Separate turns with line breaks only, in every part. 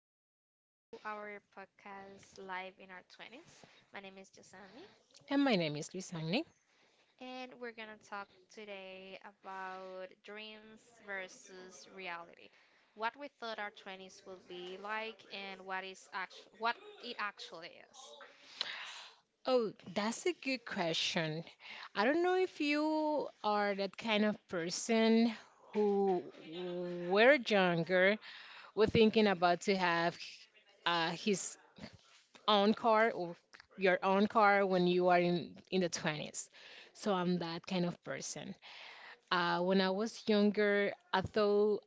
Welcome to our podcast Live in Our 20s. My name is Josandi,
And my name is Luisani.
and we're going to talk today about dreams versus reality. What we thought our 20s would be like and what it actually is.
Oh, that's a good question. I don't know if you are that kind of person who, were younger, were thinking about to have his own car or your own car when you are in the 20s. So I'm that kind of person. When I was younger, I thought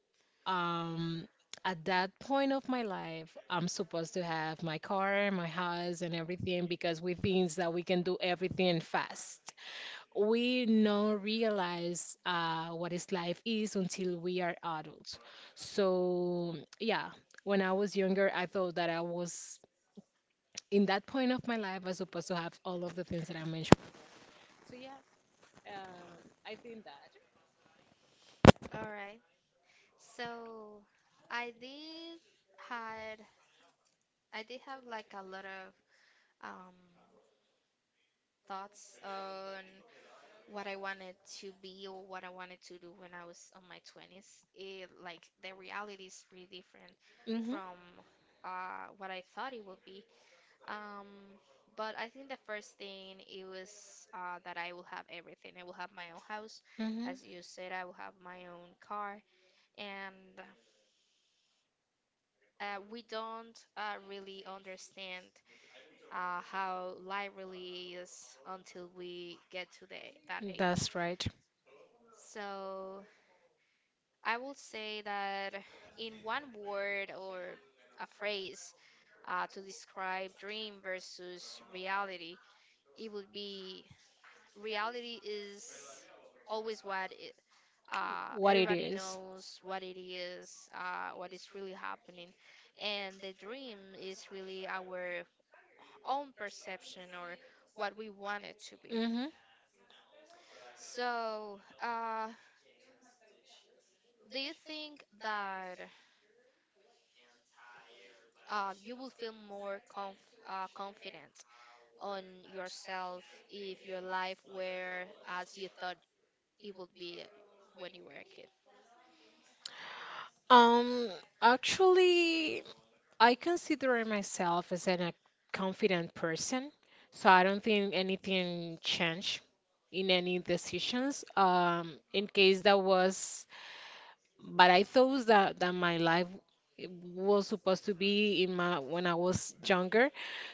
um at that point of my life I'm supposed to have my car, my house, and everything because we think that we can do everything fast. We don't realize what is life is until we are adults. So yeah, when I was younger, I thought that I was in that point of my life. I was supposed to have all of the things that I mentioned. So yeah, uh, I think that.
All right. So, I did had I did have like a lot of um thoughts on what I wanted to be or what I wanted to do when I was on my 20s, it like the reality is pretty different
Hmm.
from what I thought it would be. Um, but I think the first thing it was that I will have everything. I will have my own house,
Hmm.
as you said. I will have my own car, and we don't really understand how life really is until we get to that age.
That's right.
So I will say that in one word or a phrase to describe dream versus reality, it would be reality is always what it,
What it
Everybody
is.
knows what it is, what is really happening. And the dream is really our own perception or what we want it to be.
Meaningful. Mm-hmm.
So, do you think that uh, you will feel more confident on yourself if your life were as you thought it would be when you were a kid?
Um, Actually, I consider myself as a confident person, so I don't think anything changed in any decisions. In case that was, but I thought that that my life was supposed to be in my when I was younger.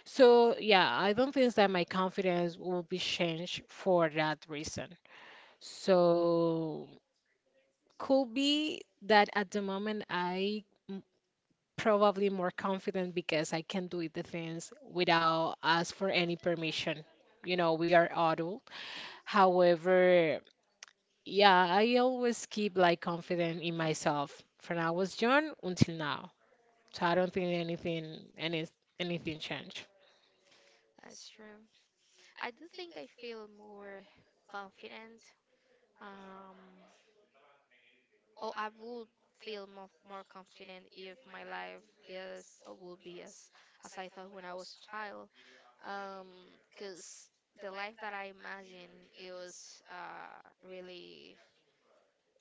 So yeah, I don't think that my confidence will be changed for that reason. So could be that at the moment I probably more confident because I can do the things without ask for any permission. You know, we are adult. However, yeah, I always keep like confident in myself from I was young until now. So I don't think anything changed.
That's true. I do think I feel more confident. Um, or I would feel more confident if my life is or will be as I thought when I was a child. Um, 'Cause the life that I imagined it was really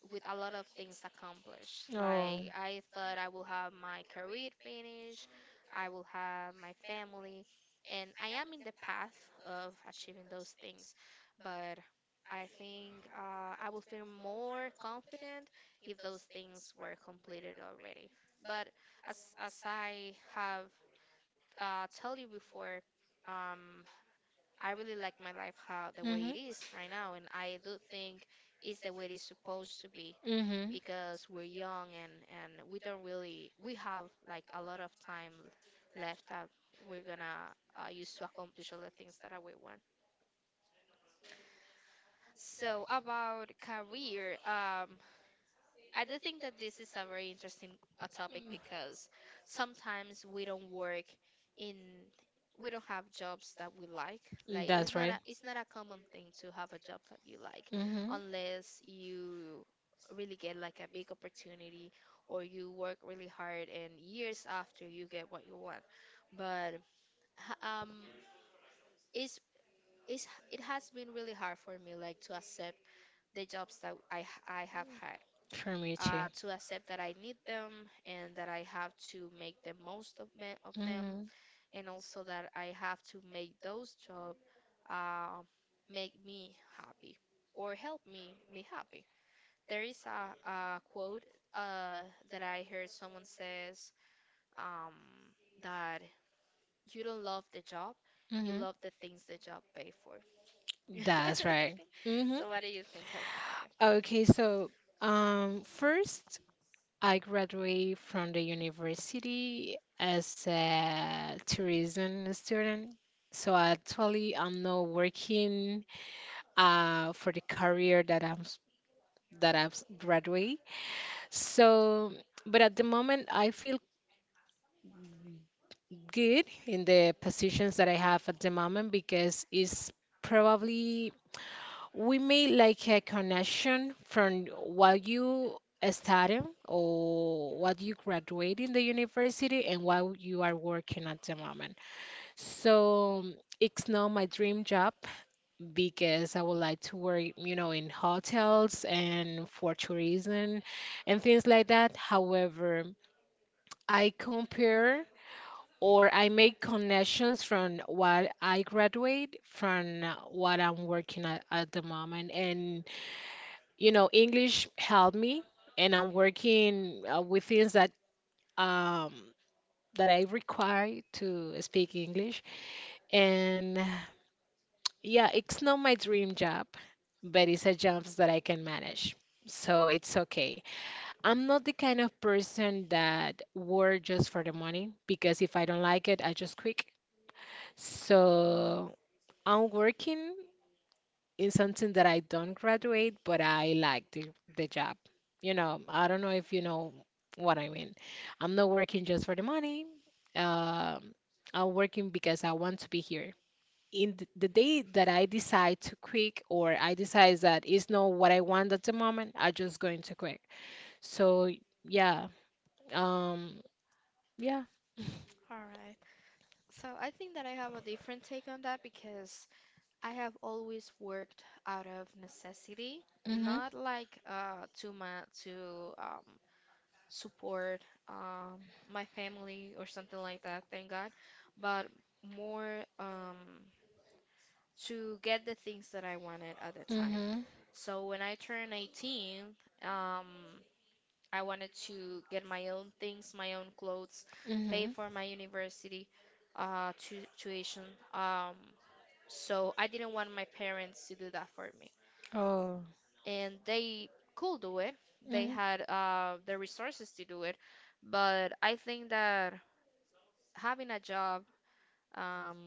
with a lot of things accomplished.
Oh.
Like I thought I will have my career finished, I will have my family, and I am in the path of achieving those things. But I think I will feel more confident if those things were completed already. But as I have told you before, um, I really like my life how the way
Mhm.
it is right now, and I do think it's the way it's supposed to be
Mhm.
because we're young and we don't really we have like a lot of time left that we're gonna use to accomplish all the things that I we want. So about career, I do think that this is a very interesting topic because sometimes in we don't have jobs that we like. Like
That's right.
it's not a common thing to have a job that you like
Mhm.
unless you really get like a big opportunity or you work really hard and years after you get what you want. But um it's it's it has been really hard for me like to accept the jobs that I have had
For me too.
to accept that I need them and that I have to make the most of them,
Mhm.
and also that I have to make those jobs uh, make me happy or help me be happy. There is a quote uh, that I heard someone says um, that you don't love the job, you love the things the job pay for.
Mhm. That's right. Hmm.
So what do you think about it?
Okay, so first, I graduated from the university as a tourism student. So actually, I'm not working for the career that that I've graduated. So, but at the moment, I feel good in the positions that I have at the moment because it's probably we made like a connection from what you studying or what you graduate in the university and what you are working at the moment. So it's not my dream job because I would like to work, in hotels and for tourism and things like that. However, I compare or I make connections from what I graduate from what I'm working at the moment. And English helped me, and I'm working with things um, that I require to speak English. And yeah, it's not my dream job, but it's a job that I can manage. So it's okay. I'm not the kind of person that work just for the money because if I don't like it, I just quit. So I'm working in something that I don't graduate, but I like the job. I don't know if you know what I mean. I'm not working just for the money. Um, I'm working because I want to be here. In the day that I decide to quit or I decide that it's not what I want at the moment, I'm just going to quit. So yeah, um, yeah.
All right. So I think that I have a different take on that because I have always worked out of necessity,
Mhm.
not like to my to support um, my family or something like that, thank God, but more to get the things that I wanted at the time.
Mhm.
So when I turned 18, um, I wanted to get my own things, my own clothes, pay
Mhm.
for my university tu tuition. Um, so I didn't want my parents to do that for me.
Oh.
And they could do it. They
Mhm.
had the resources to do it, but I think that having a job um,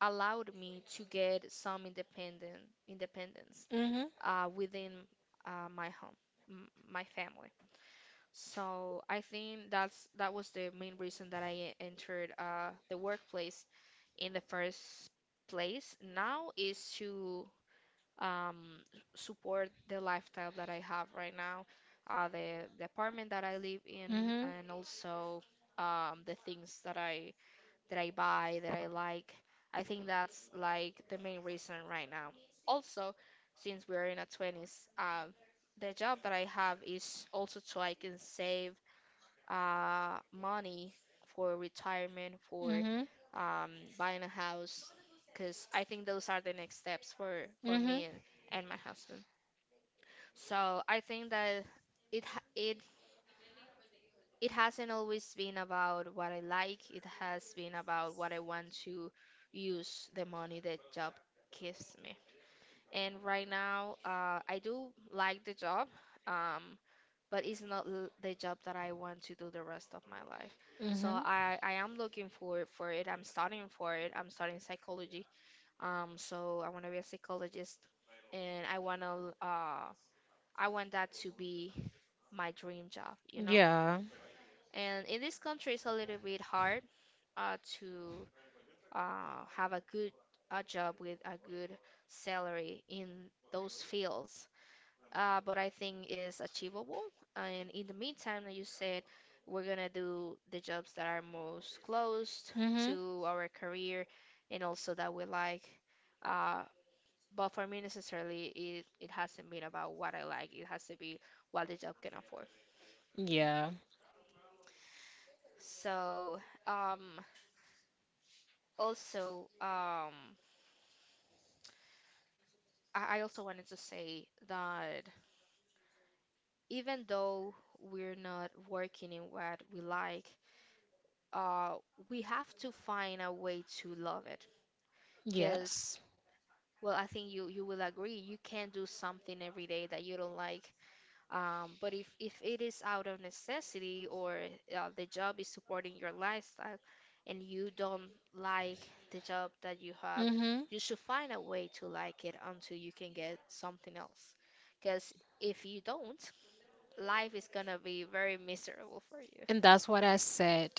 allowed me to get some independent independence
Mhm.
within my home, my family. So I think that's that was the main reason that entered the workplace in the first place. Now is to um, support the lifestyle that I have right now, uh, the apartment that I live in,
Mhm.
and also the things that I buy that I like. I think that's like the main reason right now. Also, since we're in our 20s, the job that I have is also so I can save money for retirement, for
Mhm.
um, buying a house, because I think those are the next steps for
Mhm.
me and my husband. So I think that it ha- it hasn't always been about what I like. It has been about what I want to use the money that job gives me and right now I do like the job, um, but it's not the job that I want to do the rest of my life. So
Mhm.
I am looking for it. I'm studying for it. I'm studying psychology. So I want to be a psychologist, and I want to I want that to be my dream job, you know.
Yeah.
And in this country, it's a little bit hard to have a job with a good salary in those fields but I think is achievable. And in the meantime, like you said, we're gonna do the jobs that are most close
Mhm.
to our career and also that we like. Uh, but for me, necessarily, it hasn't been about what I like. It has to be what the job can afford.
Yeah.
So, um, also, um, I also wanted to say that even though we're not working in what we like, uh, we have to find a way to love it. Because,
Yes.
well, I think you will agree, you can not do something every day that you don't like. But if it is out of necessity or the job is supporting your lifestyle and you don't like the job that you have,
Mhm.
you should find a way to like it until you can get something else. Because if you don't, life is gonna be very miserable for you.
And that's what I said,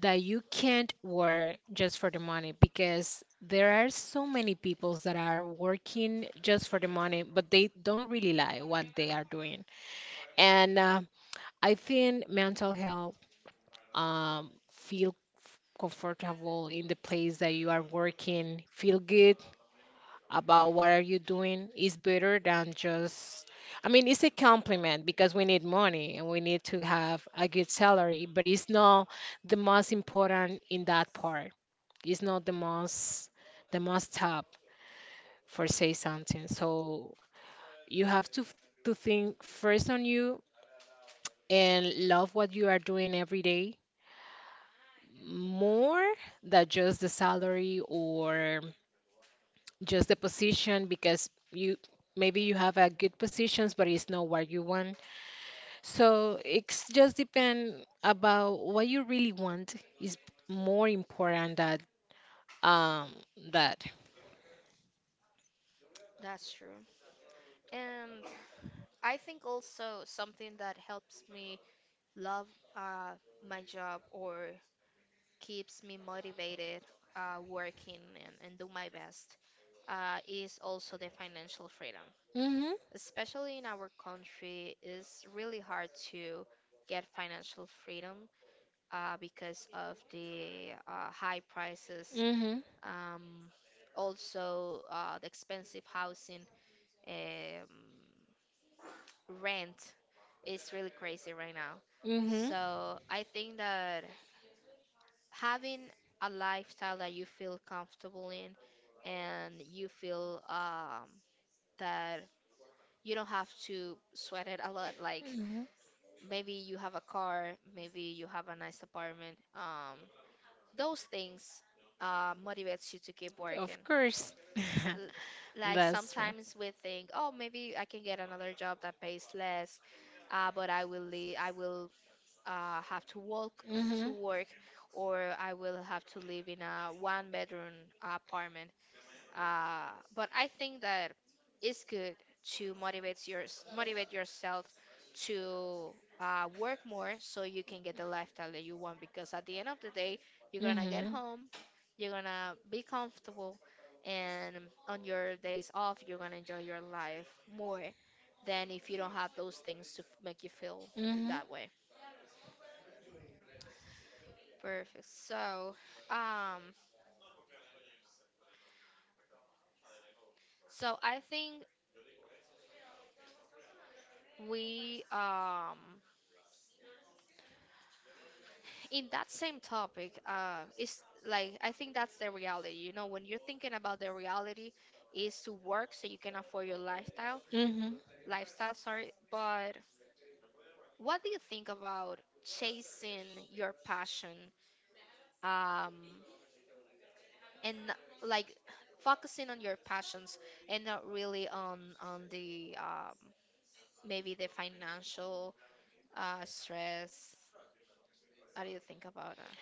that you can't work just for the money because there are so many people that are working just for the money, but they don't really like what they are doing. And I think mental health, feel comfortable in the place that you are working, feel good about what are you doing is better than just, I mean, it's a compliment because we need money and we need to have a good salary, but it's not the most important in that part. It's not the most top for say something. So you have to to think first on you and love what you are doing every day more than just the salary or just the position because you maybe you have a good positions but it's not what you want, so it's just depend about what you really want is more important um that.
That's true. And I think also something that helps me love uh, my job or keeps me motivated working and do my best is also the financial freedom.
Mm-hmm.
Especially in our country, it's really hard to get financial freedom because of the high prices
Mm-hmm.
um, also the expensive housing. Um, Rent is really crazy right now.
Mm-hmm.
So I think that having a lifestyle that you feel comfortable in and you feel that you don't have to sweat it a lot. Like
Hmm.
maybe you have a car, maybe you have a nice apartment. Those things motivates you to keep
Of
working.
course.
L- Like
That's right.
sometimes we think, oh, maybe I can get another job that pays less but I will leave, I will have to walk to
Mhm.
work or I will have to live in a one bedroom apartment. But I think that it's good to motivate your motivate yourself to work more so you can get the lifestyle that you want because at the end of the day you're gonna get
Mhm.
home, you're gonna be comfortable and on your days off you're gonna enjoy your life more than if you don't have those things to make you feel
Mhm.
that way. Perfect. Um, so I think we in that same topic, is like I think that's the reality. You know, when you're thinking about the reality is to work so you can afford your lifestyle,
Mhm.
lifestyle, sorry. But what do you think about chasing your passion, um, and like focusing on your passions and not really on the maybe the financial stress? How do you think about that?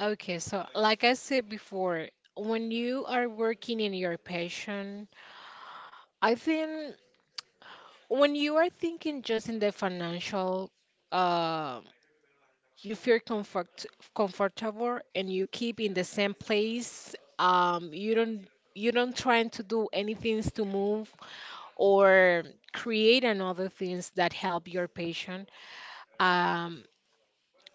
Okay, so like I said before, when you are working in your passion, I think when you are thinking just in the financial, uh, you feel comfortable and you keep in the same place. You don't trying to do anything to move or create another things that help your patient. Um,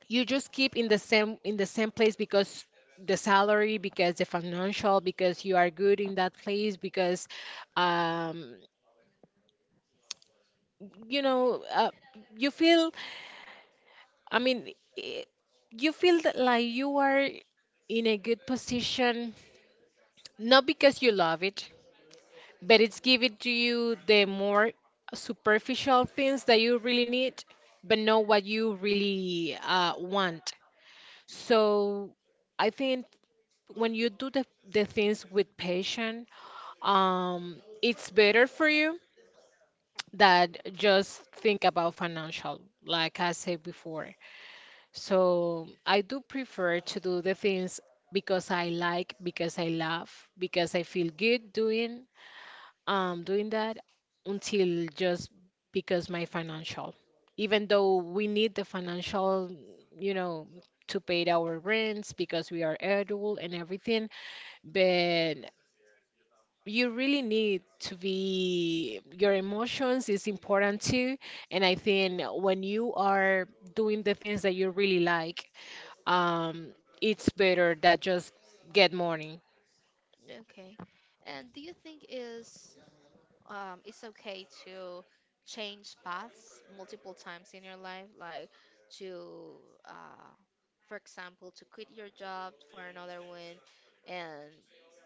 you just keep in the same place because the salary, because the financial, because you are good in that place, because um, you know uh, you feel. I mean, i- you feel that like you are in a good position, not because you love it, but it's giving to you the more superficial things that you really need, but not what you really want. So I think when you do the things with passion, um, it's better for you than just think about financial, like I said before. So I do prefer to do the things because I like, because I love, because I feel good doing that until just because my financial, even though we need the financial, you know, to pay our rents because we are adult and everything. But you really need to be your emotions is important too. And I think when you are doing the things that you really like, um it's better that just get money.
Okay. And do you think it's okay to change paths multiple times in your life, like to, uh, for example, to quit your job for another one, and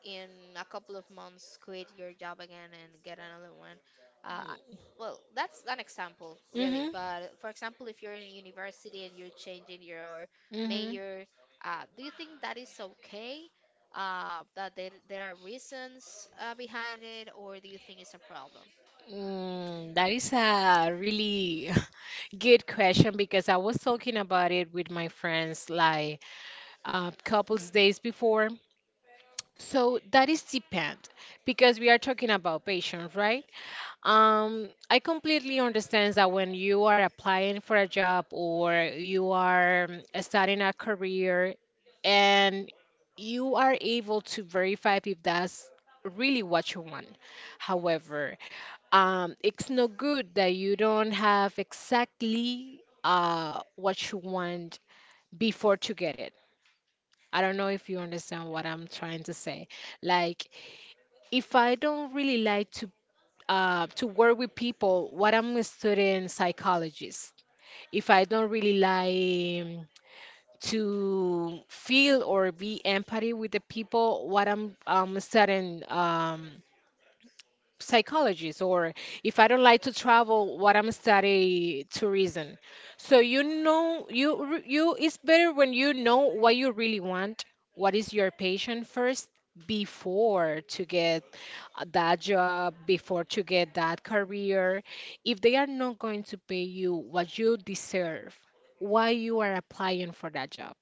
in a couple of months quit your job again and get another one. Uh, I- well, that's an example, really.
Mm-hmm.
But for example, if you're in university and you're changing your
Mm-hmm.
major, do you think that is okay? That there are reasons behind it, or do you think it's a problem?
That is a really good question because I was talking about it with my friends like a couple days before. So that is depend because we are talking about patients, right? I completely understand that when you are applying for a job or you are starting a career and you are able to verify if that's really what you want. However, it's no good that you don't have exactly what you want before to get it. I don't know if you understand what I'm trying to say. Like, if I don't really like to work with people what I'm a student psychologist, if I don't really like to feel or be empathy with the people what I'm, studying psychologist, or if I don't like to travel what I'm study tourism. So you it's better when you know what you really want, what is your passion first, before to get that job, before to get that career. If they are not going to pay you what you deserve, why you are applying for that job?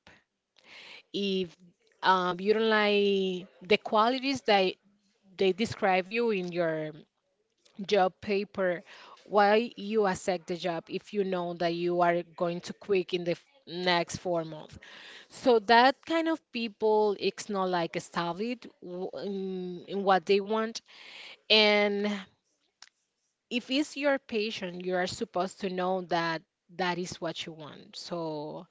If you don't like the qualities that they describe you in your job paper, why you accept the job if you know that you are going to quit in the next 4 months? So that kind of people, it's not like established in what they want. And if it's your patient, you are supposed to know that that is what you want. So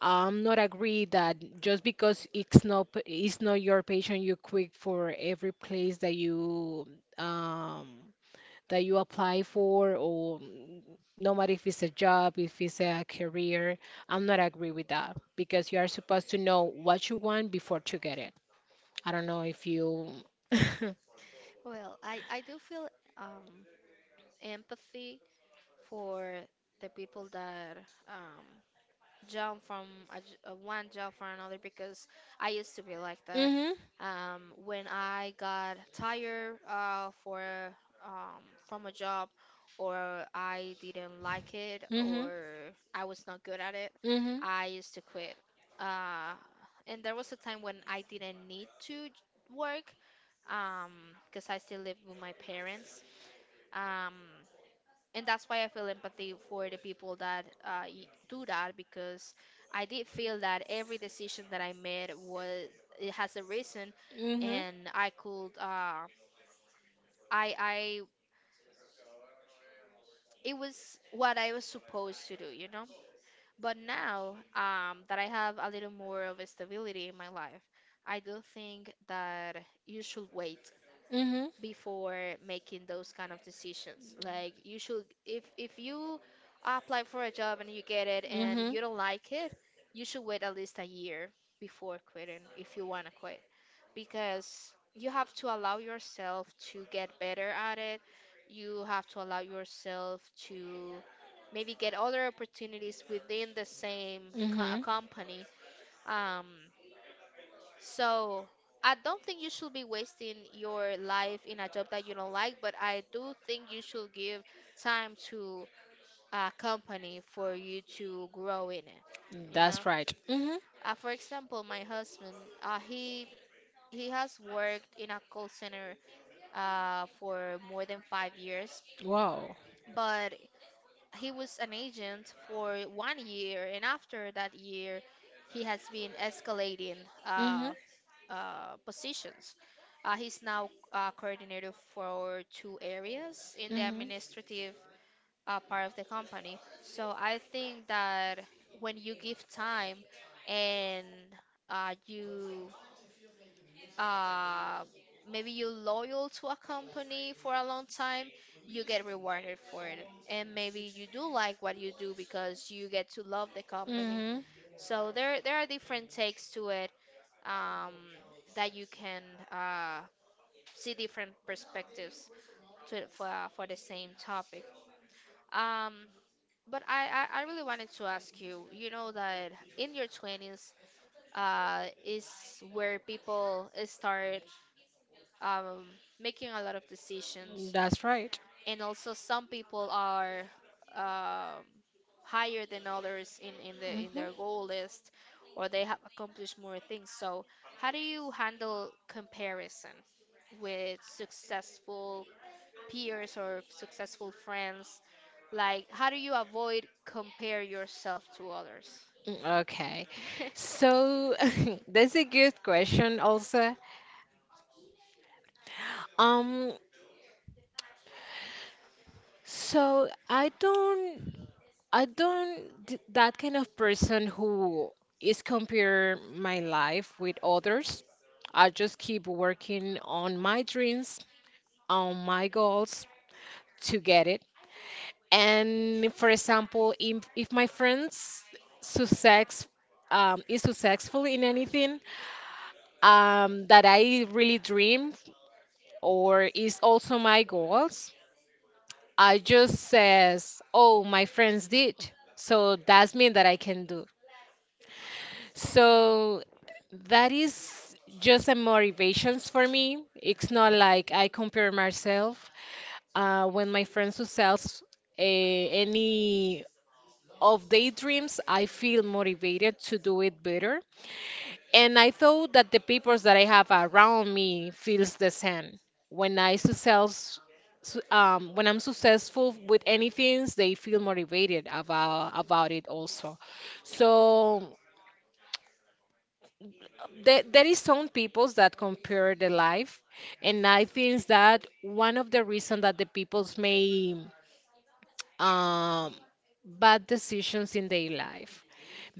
I'm not agree that just because it's not it's not your patient, you quit for every place that um you apply for, or no matter if it's a job, if it's a career. I'm not agree with that because you are supposed to know what you want before to get it. I don't know if you.
Well, I do feel um, empathy for the people that um, jump from one job for another because I used to be like that.
Mhm,
When I got tired for from a job, or I didn't like it,
mhm, mhm,
or I was not good at it,
mhm,
I used to quit. Uh, and there was a time when I didn't need to work um, because I still lived with my parents. Um, and that's why I feel empathy for the people that do that because I did feel that every decision that I made was, it has a reason,
mhm,
and I could I it was what I was supposed to do. But now that I have a little more of a stability in my life, I do think that you should wait before making those kind of decisions. Like you should, if you apply for a job and you get it and
mhm,
you don't like it, you should wait at least a year before quitting if you want to quit because you have to allow yourself to get better at it. You have to allow yourself to maybe get other opportunities within the same
mhm.
company. Um, so I don't think you should be wasting your life in a job that you don't like, but I do think you should give time to a company for you to grow in it. You know,
That's right. Mhm.
for example, my husband, uh, he he has worked in a call center for more than 5 years,
Wow.
but he was an agent for 1 year, and after that year, he has been escalating uh,
Mhm.
positions. He's now coordinator for two areas in the administrative part of the company. So I think that when you give time and you uh, maybe you're loyal to a company for a long time, you get rewarded for it. And maybe you do like what you do because you get to love the
Mhm.
company.
Mhm.
So there are different takes to it um, that you can uh, see different perspectives for the same topic. Um, but I really wanted to ask you, you know that in your 20s is where people start um, making a lot of decisions,
That's right.
and also some people are um, higher than others in
Mhm.
their goal list, or they have accomplished more things. So how do you handle comparison with successful peers or successful friends? Like, how do you avoid compare yourself to others?
Mm, okay. So that's a good question also. Um, so I don't that kind of person who is compare my life with others. I just keep working on my dreams, on my goals, to get it. And for example, if my friends success is successful in anything that I really dream or is also my goals, I just says, "Oh, my friends did." So that's mean that I can do. So that is just a motivations for me. It's not like I compare myself when my friends who sells any of daydreams, I feel motivated to do it better. And I thought that the people that I have around me feels the same. When I success, when I'm successful with anything, they feel motivated about it also. So there is some people that compare the life, and I think that one of the reasons that the peoples may um, bad decisions in their life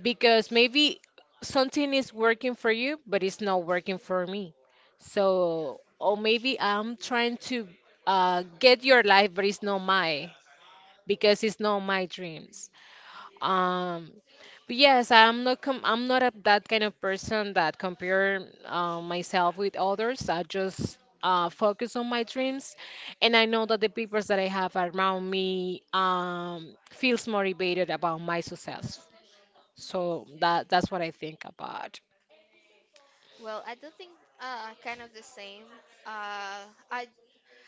because maybe something is working for you, but it's not working for me. So, or maybe I'm trying to get your life, but it's not my because it's not my dreams. Um, but yes, I'm not that kind of person that compare myself with others. I just focus on my dreams, and I know that the people that I have around me feels motivated about my success. So that's what I think about.
Well, I do think kind of the same. Uh I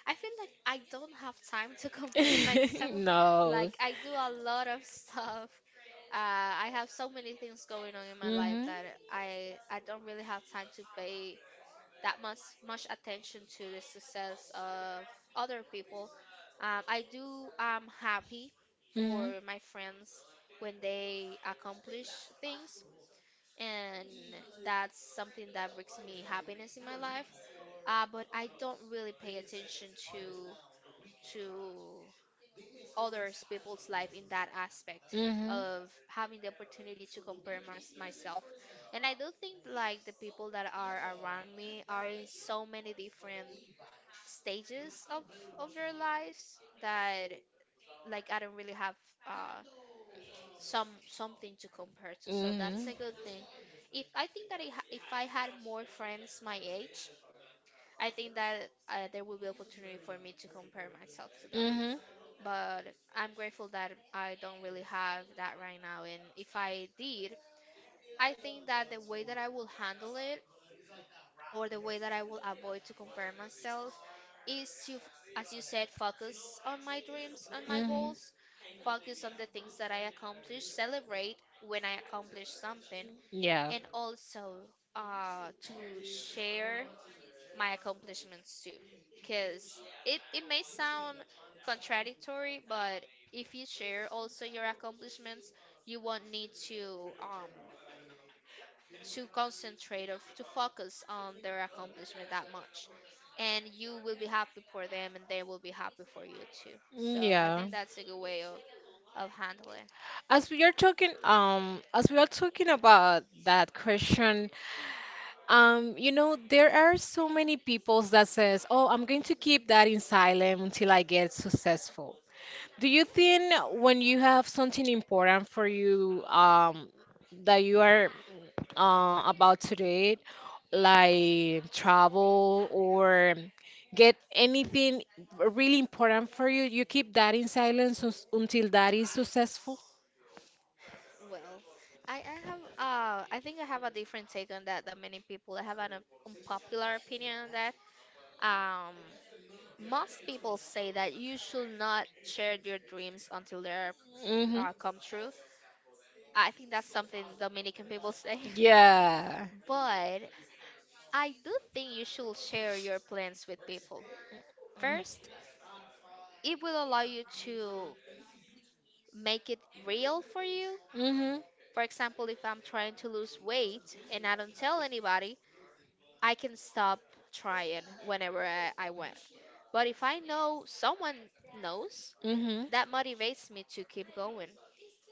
I feel like I don't have time to compare myself.
No.
Like I do a lot of stuff. I have so many things going on in my
Hmm.
life
Hmm.
that I don't really have time to pay that much attention to the success of other people. I do. I'm happy for
Hmm.
my friends when they accomplish things, and that's something that brings me happiness in my life. But I don't really pay attention to others people's life in that aspect of having the opportunity to compare myself, and I do think like the people that are around me are in so many different stages of their lives that like I don't really have uh something to compare to. So
Hmm.
that's a good thing. If I think that if I had more friends my age, I think that there will be opportunity for me to compare myself to them. But I'm grateful that I don't really have that right now. And if I did, I think that the way that I will handle it or the way that I will avoid to compare myself is to, as you said, focus on my dreams and my
Hmm.
goals,
Hmm.
focus on the things that I accomplish, celebrate when I accomplish something,
Yeah.
and also to share my accomplishments too. Because it may sound contradictory, but if you share also your accomplishments, you won't need to concentrate or to focus on their accomplishment that much, and you will be happy for them and they will be happy for you too. So I
Yeah.
think that's a good way of handling.
As we are talking about that question. There are so many people that says, "Oh, I'm going to keep that in silent until I get successful." Do you think when you have something important for you, that you are about to do, like travel or get anything really important for you, you keep that in silence until that is successful?
Well, I have I think I have a different take on that than many people. I have an unpopular opinion on that. um Most people say that you should not share your dreams until they're
Hmm.
come true. I think that's something Dominican people say.
Yeah.
But I do think you should share your plans with people. First, it will allow you to make it real for you.
Mhm.
For example, if I'm trying to lose weight and I don't tell anybody, I can stop trying whenever I want. But if I know someone knows,
Mhm.
that motivates me to keep going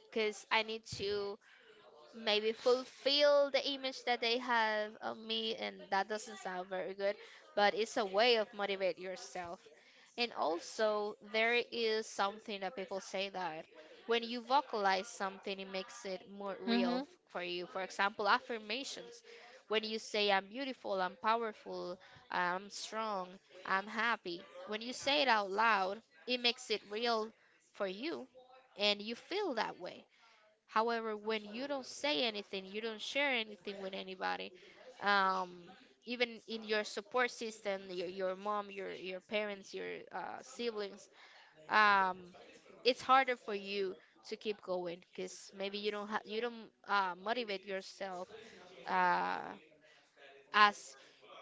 because I need to maybe fulfill the image that they have of me, and that doesn't sound very good, but it's a way of motivate yourself. And also there is something that people say that when you vocalize something, it makes it more real
Mhm.
for you. For example, affirmations, when you say I'm beautiful, I'm powerful, I'm strong, I'm happy, when you say it out loud, it makes it real for you and you feel that way. However, when you don't say anything, you don't share anything with anybody, um, even in your support system, your mom, your parents, your siblings, um, it's harder for you to keep going because maybe you don't motivate yourself uh, as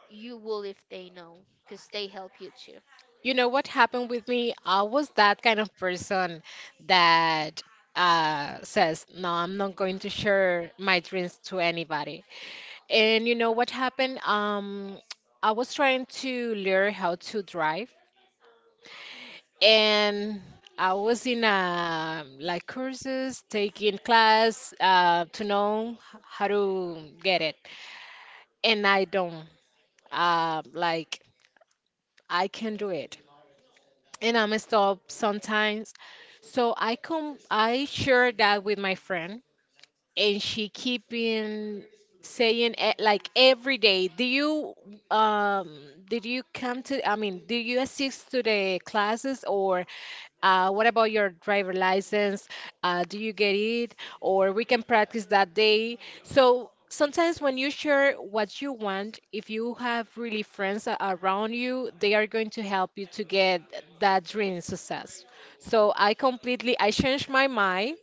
you will if they know, because they help you too.
You know what happened with me? I was that kind of person that says, "No, I'm not going to share my dreams to anybody." And you know what happened? I was trying to learn how to drive, and I was in like courses, taking class to know how to get it, and I don't. Like I can do it. And I'm a stop sometimes. So I come, I share that with my friend, and she keeping saying like every day, do you um did you come to? I mean, do you assist to the classes or what about your driver license? Do you get it? Or we can practice that day. So sometimes when you share what you want, if you have really friends around you, they are going to help you to get that dream success. So I completely, I changed my mind,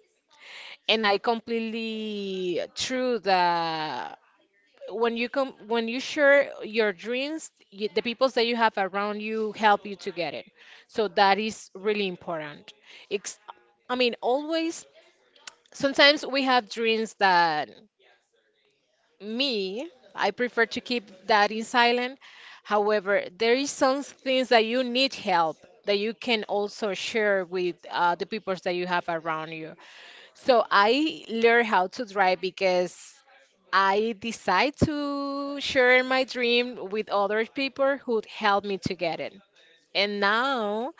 and I completely threw the, when you share your dreams, you, the people that you have around you help you to get it. So that is really important. It's I mean, always sometimes we have dreams that, me, I prefer to keep that in silent. However, there is some things that you need help, that you can also share with the people that you have around you. So I learned how to drive because I decide to share my dream with other people who helped me to get it. And now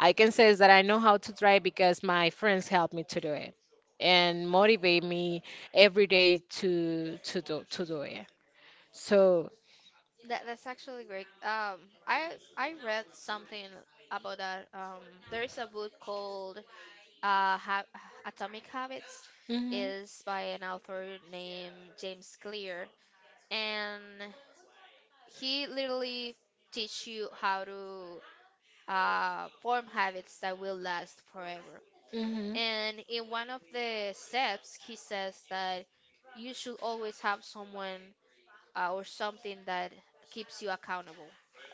I can say that I know how to drive because my friends helped me to do it, and motivate me every day to do it. So.
That that's actually great. I read something about that. There is a book called uh, ha- Atomic Habits,
Mhm.
is by an author named James Clear, and he literally teach you how to form habits that will last forever.
Mhm.
And in one of the steps, he says that you should always have someone or something that keeps you accountable,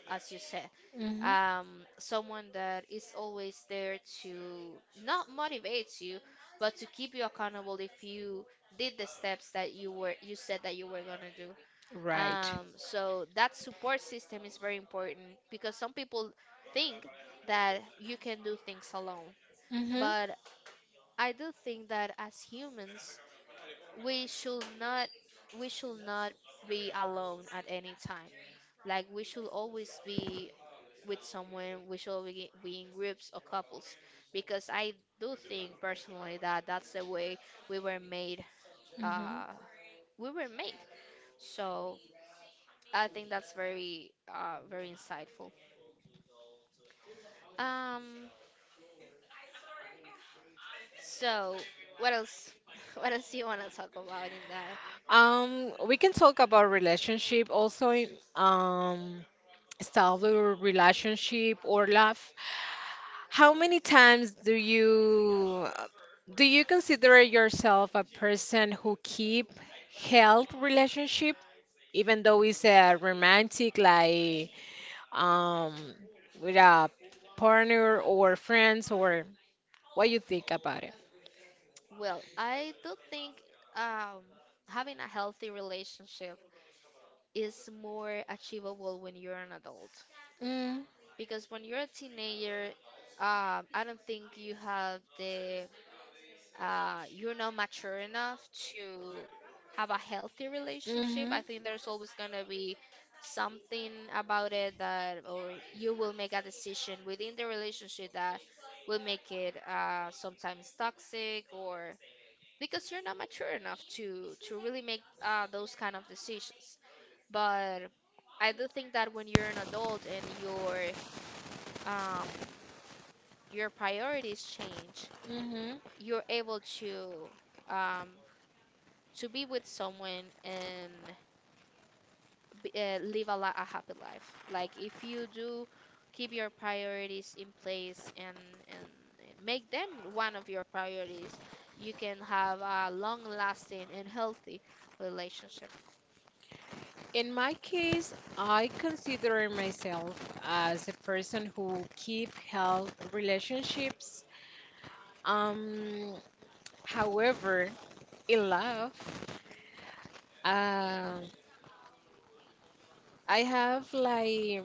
as you said.
Mhm.
um, Someone that is always there to not motivate you, but to keep you accountable if you did the steps that you were you said that you were gonna do.
Right.
So that support system is very important because some people think that you can do things alone,
Mhm.
but I do think that as humans, we should not we should not be alone at any time. Like we should always be with someone, we should be in groups or couples, because I do think personally that that's the way we were made.
Mhm.
Uh, we were made. So I think that's very, very insightful. Um, so what else? What else do you want to talk about in that?
We can talk about relationship also in um stable relationship or love. How many times do you consider yourself a person who keep health relationship, even though it's a romantic, like, um with a partner or friends, or what you think about it?
Well, I do think um, having a healthy relationship is more achievable when you're an adult,
Mm-hmm.
because when you're a teenager, I don't think you have the you're not mature enough to have a healthy relationship. I think there's always gonna be something about it that, or you will make a decision within the relationship that will make it sometimes toxic, or because you're not mature enough to really make those kind of decisions. But I do think that when you're an adult and you're um your priorities change,
Hmm.
you're able um, to be with someone and live a happy life. Like if you do keep your priorities in place, and and make them one of your priorities, you can have a long-lasting and healthy relationship.
In my case, I consider myself as a person who keep health relationships. Um, However, in love, uh, I have like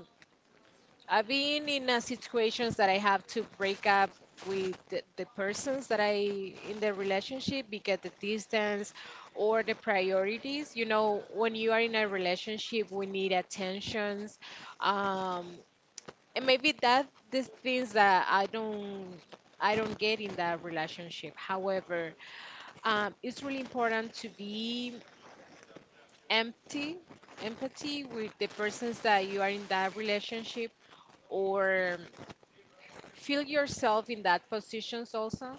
I've been in a situations that I have to break up with the persons that I in the relationship, because the distance or the priorities. You know, when you are in a relationship, we need attentions. Um, and maybe that these things that I don't get in that relationship. However, it's really important to be empty, empathy with the persons that you are in that relationship, or feel yourself in that positions also,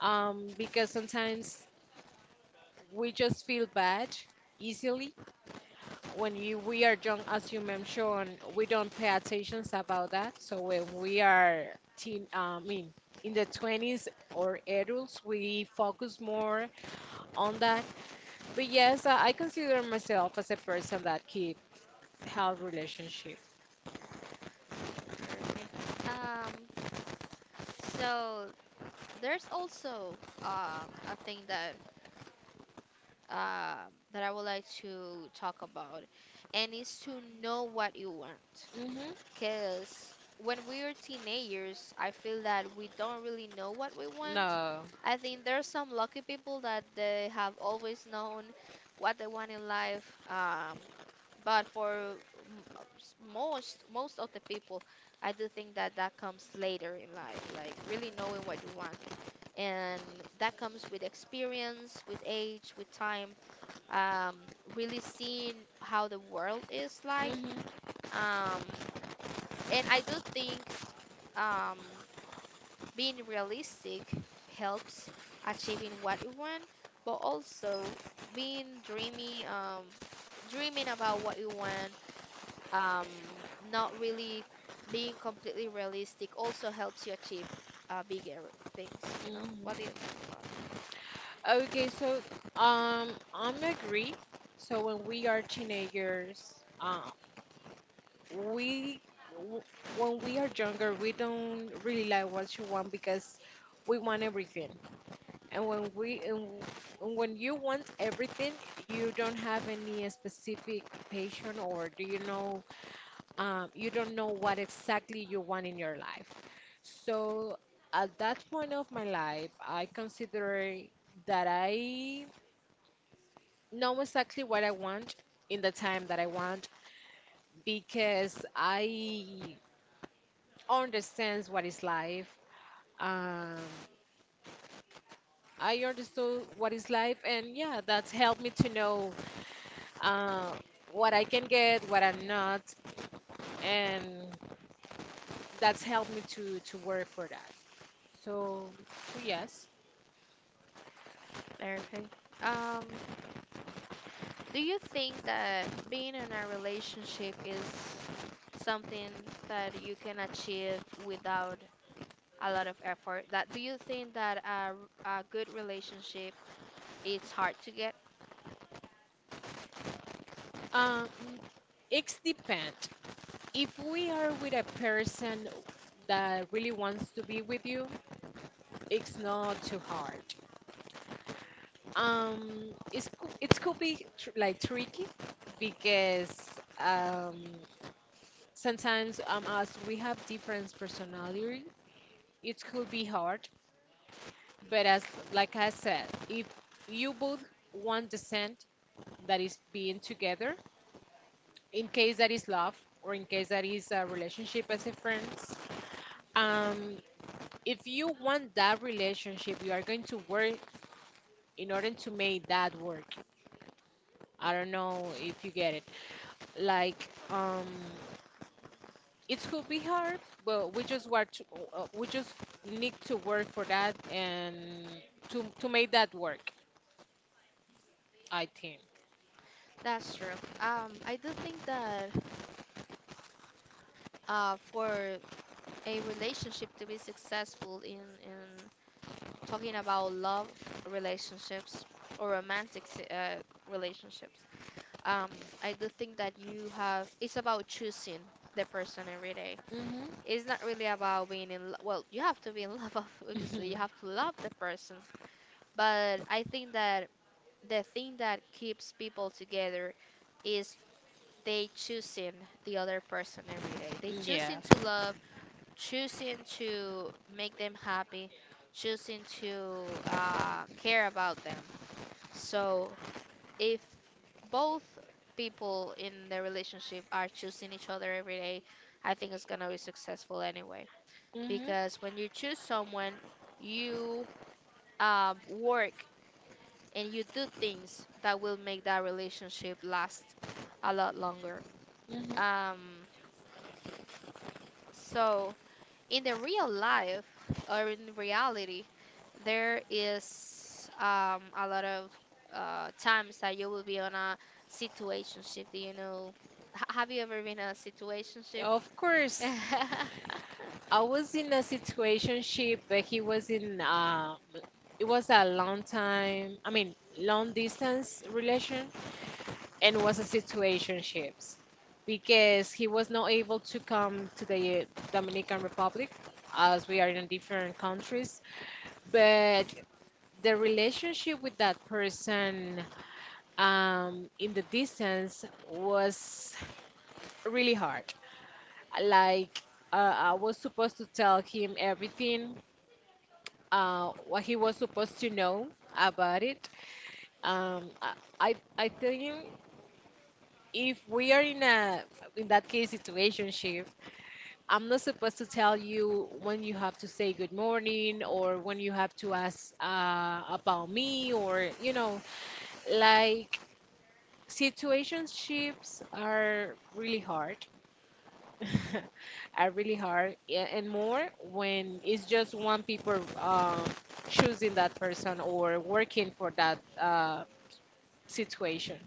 because sometimes we just feel bad easily when you we are young. As you mentioned, we don't pay attentions about that. So when we are teen, I mean, in the 20s or adults, we focus more on that. But yes, I consider myself as a person that keep health relationship.
Perfect. Um, so there's also a thing uh, that I would like to talk about, and is to know what you want.
Mm-hmm.
Because when we're teenagers, I feel that we don't really know what we want.
No.
I think there's some lucky people that they have always known what they want in life. But for most of the people, I do think that that comes later in life, like really knowing what you want, and that comes with experience, with age, with time, um, really seeing how the world is like.
Mm-hmm.
Um, and I do think um, being realistic helps achieving what you want, but also being dreamy, dreaming about what you want, um, not really being completely realistic also helps you achieve bigger things, you know? What do
Mm-hmm.
you think about it?
Okay, so, um, I'm agree. So when we are teenagers, we w- when we are younger, we don't really like what you want, because we want everything, and when we and, w- and when you want everything, you don't have any specific passion or do you know you don't know what exactly you want in your life. So at that point of my life, I consider that I know exactly what I want in the time that I want, because I understands what is life. Um, I understood what is life, and yeah, that's helped me to know uh, what I can get, what I'm not, and that's helped me to work for that. So, so, yes,
Perfect. Um, Do you think that being in a relationship is something that you can achieve without a lot of effort? That do you think that a good relationship, it's hard to get?
um, it's depend. If we are with a person that really wants to be with you, it's not too hard. It could be like tricky, because. Um, Sometimes, as we have different personality, it could be hard. But as, like I said, if you both want the scent, that is being together, in case that is love, or in case that is a relationship as a friends, um if you want that relationship, you are going to work in order to make that work. I don't know if you get it. Like, it could be hard, but we just need to work for that, and to make that work, I think.
That's true. I do think that for a relationship to be successful in talking about love relationships or romantic relationships, um, I do think that you have it's about choosing the person every day.
Mhm.
It's not really about being in love. Well, you have to be in love, obviously. You have to love the person. But I think that the thing that keeps people together is they choosing the other person every day. They choosing
Yeah.
to love, choosing to make them happy, choosing to care about them. So if both people in the relationship are choosing each other every day, I think it's gonna be successful anyway,
Mhm.
because when you choose someone, you work and you do things that will make that relationship last a lot longer.
Mhm.
Um, so in the real life or in reality, there is a lot of times that you will be on a situationship. Do you know? Have you ever been in a situationship?
Of course, I was in a situationship, but he was in it was a long time, I mean, long distance relation, and was a situationships, because he was not able to come to the Dominican Republic, as we are in different countries. But the relationship with that person, in the distance, was really hard. Like, I was supposed to tell him everything, what he was supposed to know about it. Um, I, I think, if we are in that case, situationship, I'm not supposed to tell you when you have to say good morning, or when you have to ask about me, or, like. Situationships are really hard. Are really hard, yeah, and more when it's just one people, choosing that person or working for that situation.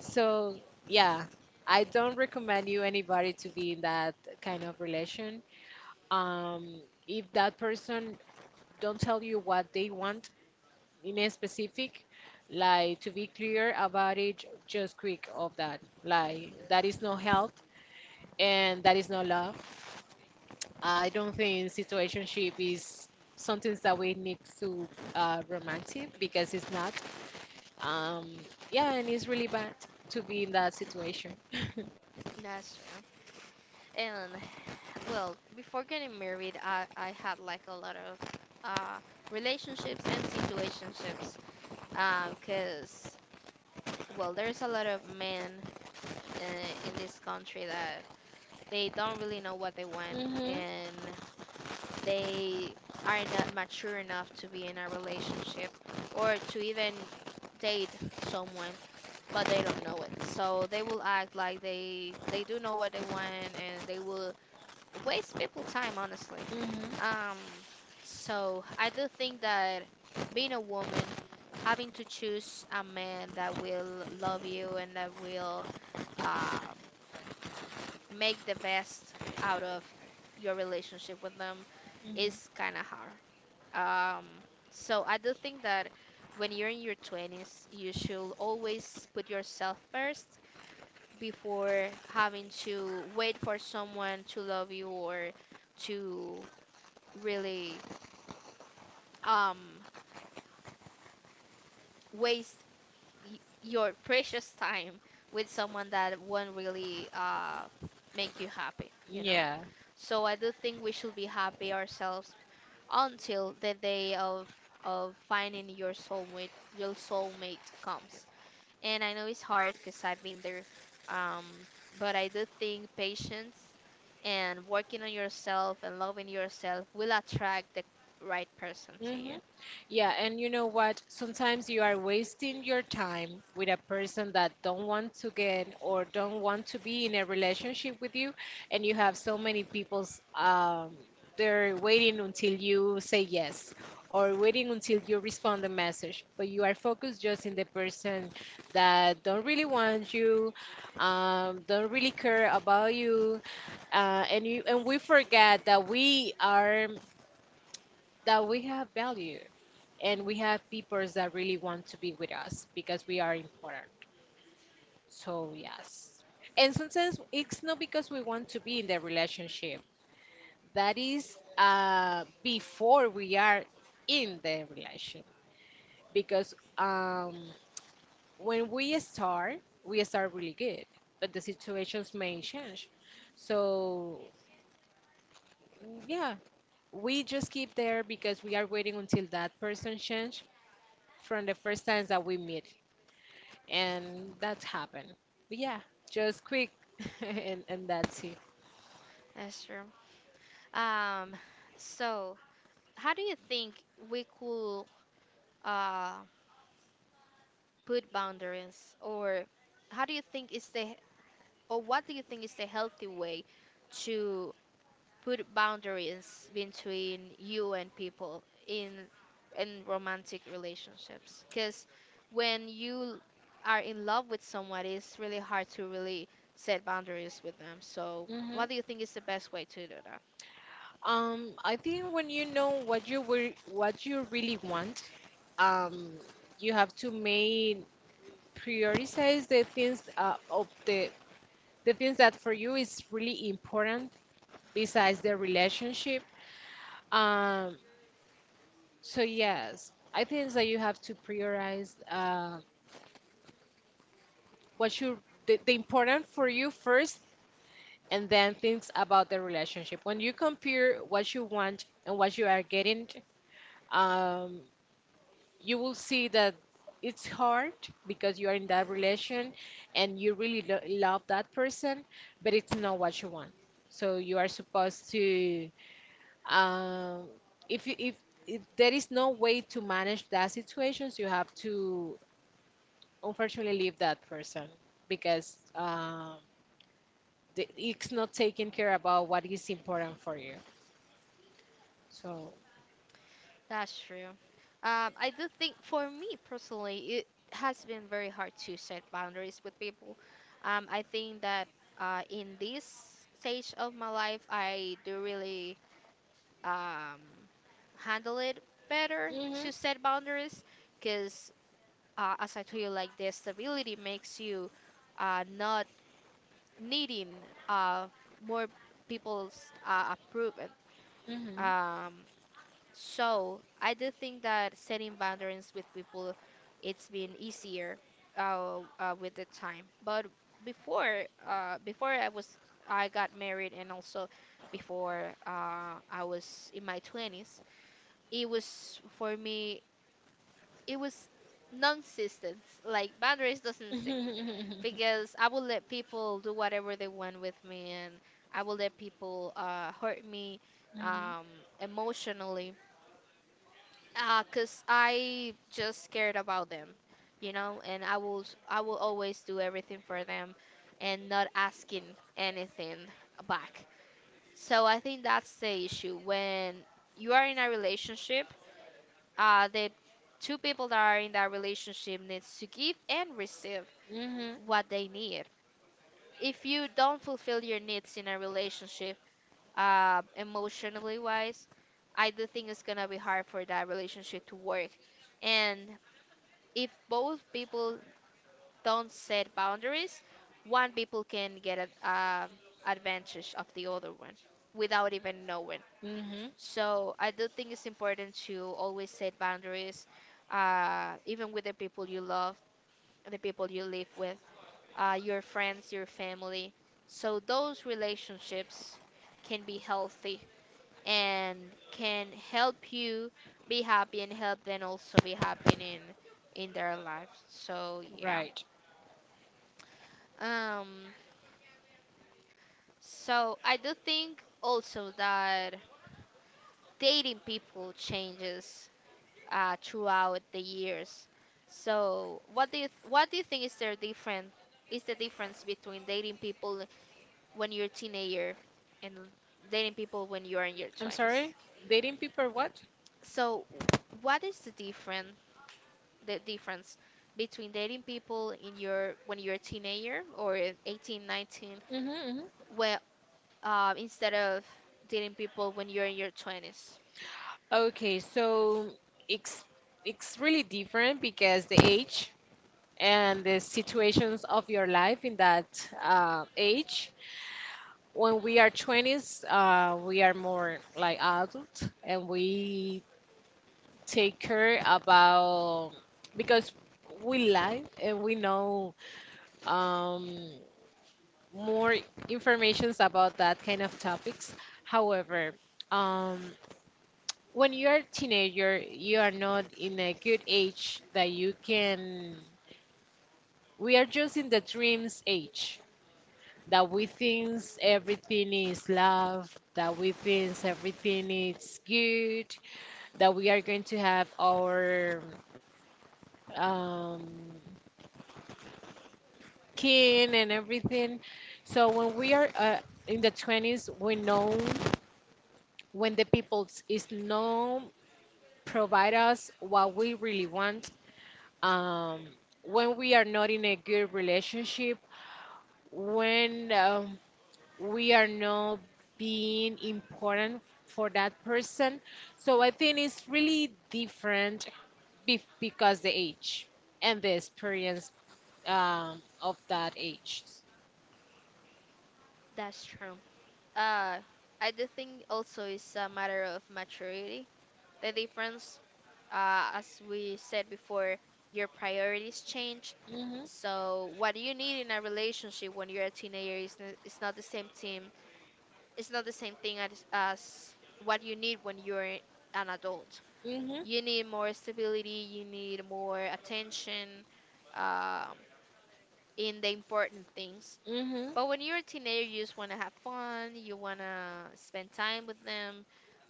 So, yeah, I don't recommend you anybody to be in that kind of relation. Um, if that person don't tell you what they want, in a specific, like, to be clear about it, just quick of that, like, that is no health and that is no love. I don't think situationship is something that we need to romantic, because it's not. Um yeah and it's really bad to be in that situation.
That's true. And well, before getting married, I had like a lot of uh, relationships and situationships because, well, there's a lot of men in this country that they don't really know what they want,
Hmm.
and they are not mature enough to be in a relationship or to even date someone, but they don't know it, so they will act like they do know what they want, and they will waste people time, honestly.
Hmm.
Um so I do think that being a woman, having to choose a man that will love you and that will um, make the best out of your relationship with them
Yes.
is kind of hard. So I do think that when you're in your 20s you should always put yourself first before having to wait for someone to love you or to really um waste your precious time with someone that won't really make you happy.
Yeah.
So I do think we should be happy ourselves until the day of finding your soulmate, your soulmate comes. And I know it's hard because I've been there. um but I do think patience and working on yourself and loving yourself will attract the right person to you.
Mm-hmm. Yeah, and you know what? Sometimes you are wasting your time with a person that don't want to get or don't want to be in a relationship with you, and you have so many people's, they're waiting until you say yes, or waiting until you respond the message, but you are focused just in the person that don't really want you, don't really care about you, and we forget that we are that we have value, and
Mm.
we have people that really want to be with us because we are
Here.
important. So, yes. And sometimes it's not because we want to be in the relationship, that is, before we are in the relation. Because, when we start really good, but the situations may change. So, yeah, we just keep there because we are waiting until that person change from the first times that we meet. And that's happened. But yeah, just quick, and that's it.
That's true. Um, so how do you think we could uh put boundaries or how do you think is the or what do you think is the healthy way to put boundaries between you and people in romantic relationships, because when you are in love with someone it's really hard to really set boundaries with them, so
Hmm.
what do you think is the best way to do that?
I think, when you know what you really want, um, you have to make prioritize the things, of the things that for you is really important, besides the relationship. Um, so yes, I think that you have to prioritize, what you the important for you first, and then things about the relationship. When you compare what you want and what you are getting, um, you will see that it's hard, because you are in that relation and you really love that person, but it's not what you want. So you are supposed to, um, if you, if there is no way to manage that situations, you have to, unfortunately, leave that person, because, it's not taking care about what is important for you. So.
That's true. I do think for me personally it has been very hard to set boundaries with people. I think that in this stage of my life I do really um, handle it better
Mhm.
to set boundaries because, as I told you, like, the stability makes you not needing uh, more people's approval.
Mhm.
Um, so I do think that setting boundaries with people, it's been easier with the time. But Before I was I got married, and also before, I was in my 20s, it was for me, it was non existent, like boundaries doesn't exist.
Mhm.
Because I will let people do whatever they want with me, and I will let people hurt me,
Mhm.
um, emotionally, because I just cared about them. And I will I will always do everything for them and not asking anything back. So I think that's the issue. When you are in a relationship, the two people that are in that relationship needs to give and receive
Mhm.
what they need. If you don't fulfill your needs in a relationship, emotionally wise, I do think it's gonna be hard for that relationship to work. And if both people don't set boundaries, one people can get advantage of the other one without even knowing.
Mhm.
So I do think it's important to always set boundaries, even with the people you love, the people you live with, your friends, your family. So those relationships can be healthy and can help you be happy and help them also be happy in their lives. So yeah.
Right.
Um. So I do think also that dating people changes throughout the years. So, what do you what do you think is there different is the difference between dating people when you're a teenager and dating people when you are in your
I'm
20s?
sorry. Dating people, what?
So, what is the different the difference between dating people in your when you're a teenager or in 18, 19,
Mhm. Mhm.
well, instead of dating people when you're in your 20s?
Okay, so it's it's really different because the age and the situations of your life in that, age. When we are 20s, we are more like adult, and we take care about, because we live and we know, um, more informations about that kind of topics. However, um, when you are a teenager, you are not in a good age that you can. We are just in the dreams age, that we think everything is love, that we think everything is good, that we are going to have our, um, skin and everything. So when we are, in the 20s, we know when the people is not provide us what we really want. Um, when we are not in a good relationship, when, we are not being important for that person. So I think it's really different, because the age and the experience, of that age.
That's true. Uh, I do think also it's a matter of maturity. The difference, as we said before, your priorities change.
Hmm.
So what you need in a relationship when you're a teenager is is not the same team. It's not the same thing as what you need when you're an adult.
Hmm.
You need more stability. You need more attention, um, in the important things.
Hmm.
But when you're a teenager, you just want to have fun, you want to spend time with them,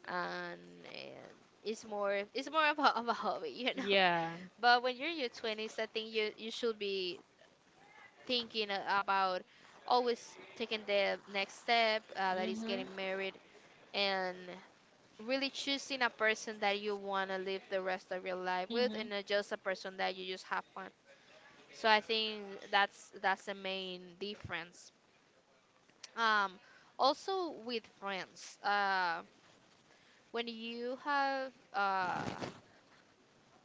and uh, it's more of of a hobby, you know.
Yeah.
But when you're in your 20s, I think you should be thinking about always taking the next step, that is
Mhm.
getting married, and really choosing a person that you want to live the rest of your life with, and
Mhm.
not just a person that you just have fun. So I think that's the main difference. Um, also with friends. When you have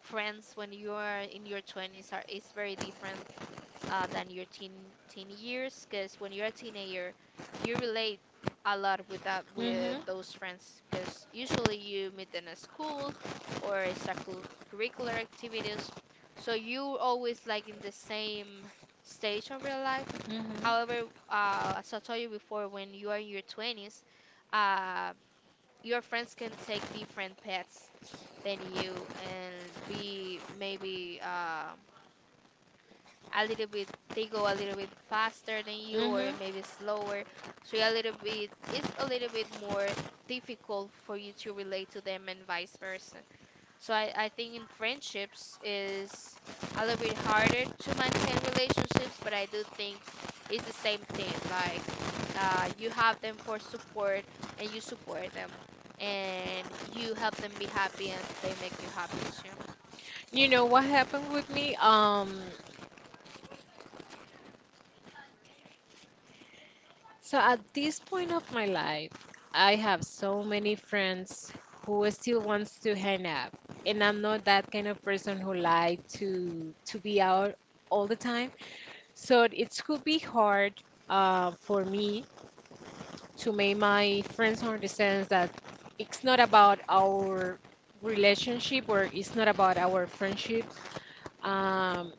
friends when you are in your 20s are is very different than your teen teen years because when you're a teenager you relate a lot with that with
Mhm.
those friends because usually you meet in a school or extracurricular activities, so you always like in the same stage of your life.
Mhm.
However, as I told you before, when you are in your 20s, uh, your friends can take different paths than you and be maybe a little bit they go a little bit faster than you or
Mhm.
maybe slower. So a little bit it's a little bit more difficult for you to relate to them and vice versa. So I think in friendships is a little bit harder to maintain relationships, but I do think it's the same thing, like, you have them for support and you support them and you help them be happy and they make you happy too.
You know what happened with me? So at this point of my life, I have so many friends who still wants to hang out, and I'm not that kind of person who like to be out all the time. So it could be hard, for me to make my friends understand that it's not about our relationship or it's not about our friendship. Um,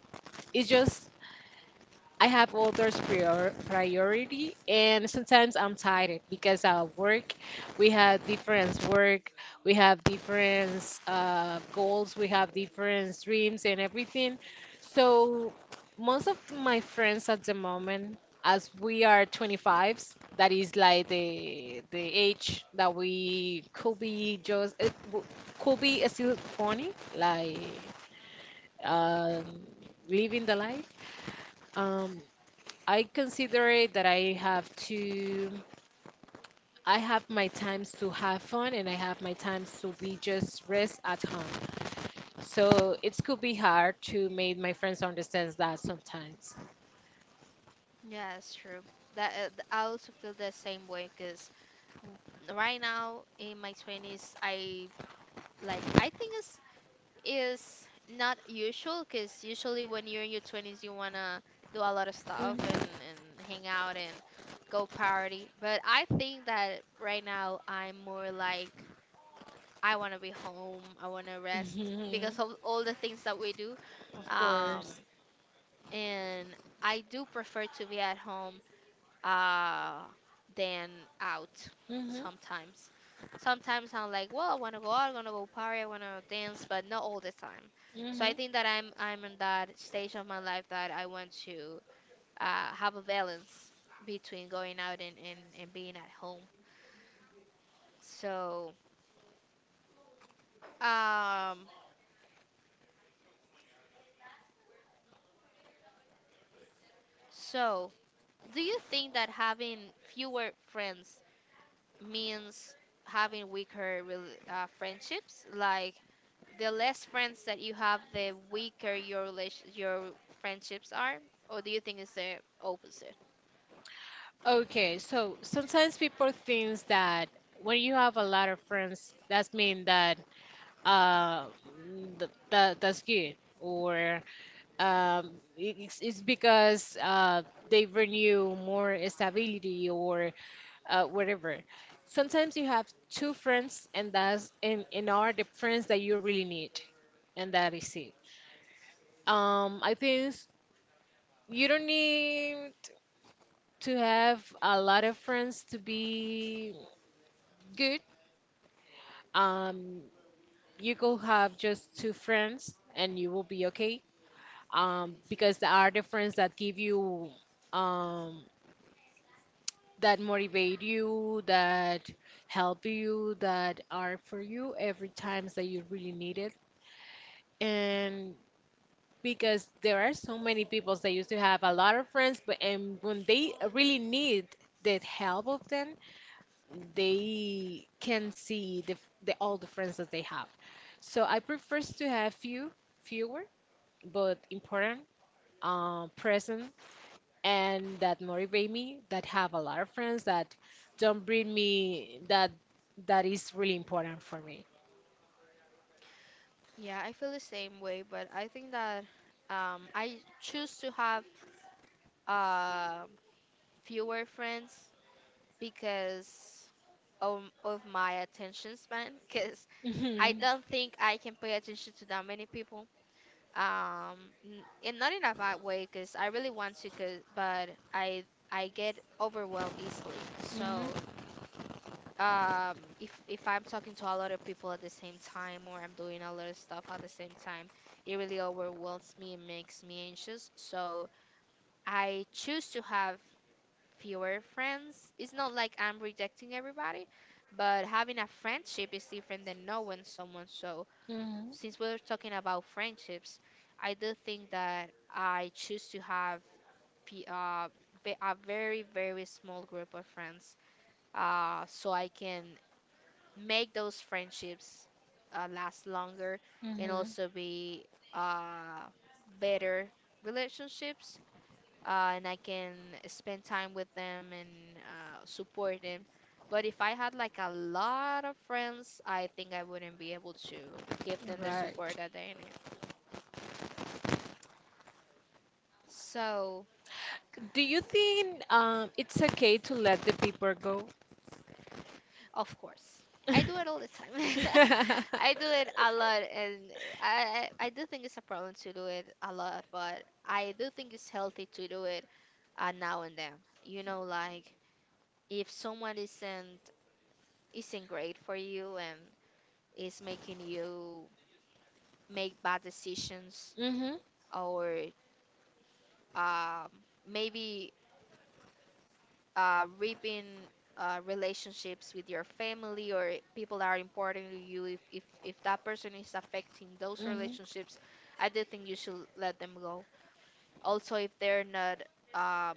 it's just, I have others priority, and sometimes I'm tired because of work. We have different work, we have different, goals, we have different dreams and everything. So most of
Yeah, it's true that I also feel the same way, because w- right now in my 20s I like I think it's is not usual, because usually when you're in your 20s you want to do a lot of stuff and hang out and go party, but I think that right now I'm more like I want to be home, I want to rest because of all the things that we do. um and I do prefer to be at home, uh, than out sometimes. Sometimes I'm like, well, I want to go out, I want to go party, I want to dance, but not all the time. So I think that I'm in that stage of my life that I want to have a balance between going out and being at home. So, um, so do you think that having fewer friends means having weaker rel friendships? Like, the less friends that you have, the weaker your relation your friendships are, or do you think it's the opposite? Yeah, I feel the same way, but I think that I choose to have uh, fewer friends because of my attention span. Because I don't think I can pay attention to that many people. Um, and not in a bad way, because I really want to, 'cause- but I get overwhelmed easily. So if I'm talking to a lot of people at the same time or I'm doing a lot of stuff at the same time, it really overwhelms me and makes me anxious. So I choose to have fewer friends. It's not like I'm rejecting everybody, but having a friendship is different than knowing someone. So since we're talking about friendships, I do think that I choose to have fe- uh, a very, very small group of friends so I can make those friendships last longer and also be uh, better relationships, and I can spend time with them and support them. But if I had like a lot of friends, I think I wouldn't be able to give them the support that they need. So of course I do it all the time. I do it a lot. And I do think it's a problem to do it a lot, but I do think it's healthy to do it now and then. You know, like, if someone isn't great for you and is making you make bad decisions or um, maybe ripping relationships with your family or people that are important to you, if that person is affecting those relationships, I do think you should let them go. Also, if they're not um,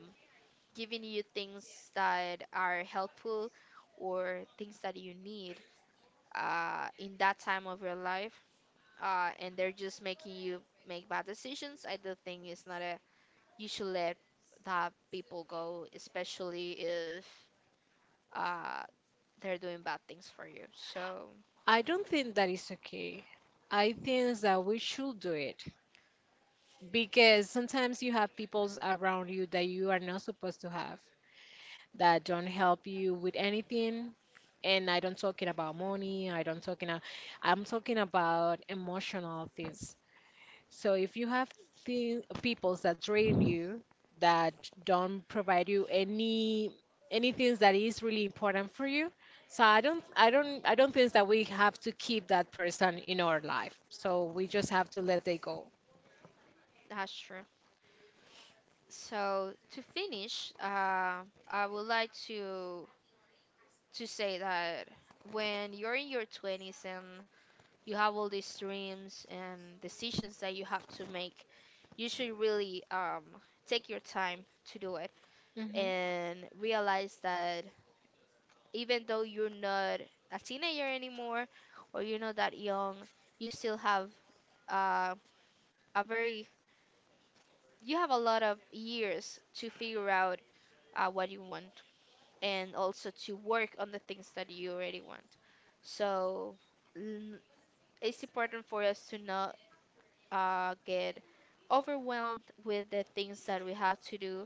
giving you things that are helpful or things that you need, in that time of your life, and they're just making you make bad decisions, I do think it's not a you should let that people go, especially if uh, they're doing bad things for you. So that's true. So to finish, I would like to say that when you're in your 20s and you have all these dreams and decisions that you have to make, you should really take your time to do it, and realize that even though you're not a teenager anymore or you're not that young, you still have uh, a very you have a lot of years to figure out what you want, and also to work on the things that you already want. So l- it's important for us to know get overwhelmed with the things that we have to do,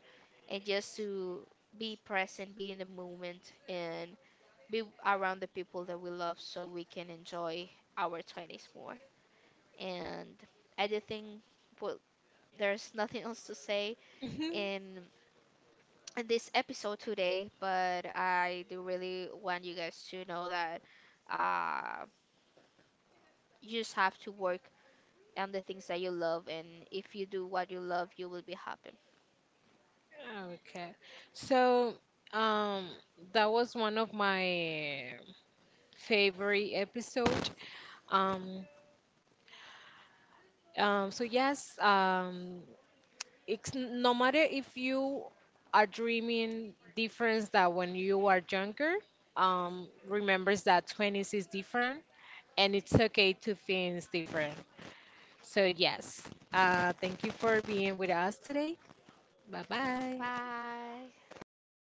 and just to be present, be in the moment, and be around the people that we love so we can enjoy our 20s more. And I do think, well, there's nothing else to say in, in this episode today, but I do really want you guys to know that uh, you just have to work on the things that you love, and if you do what you love, you will be happy. 拜。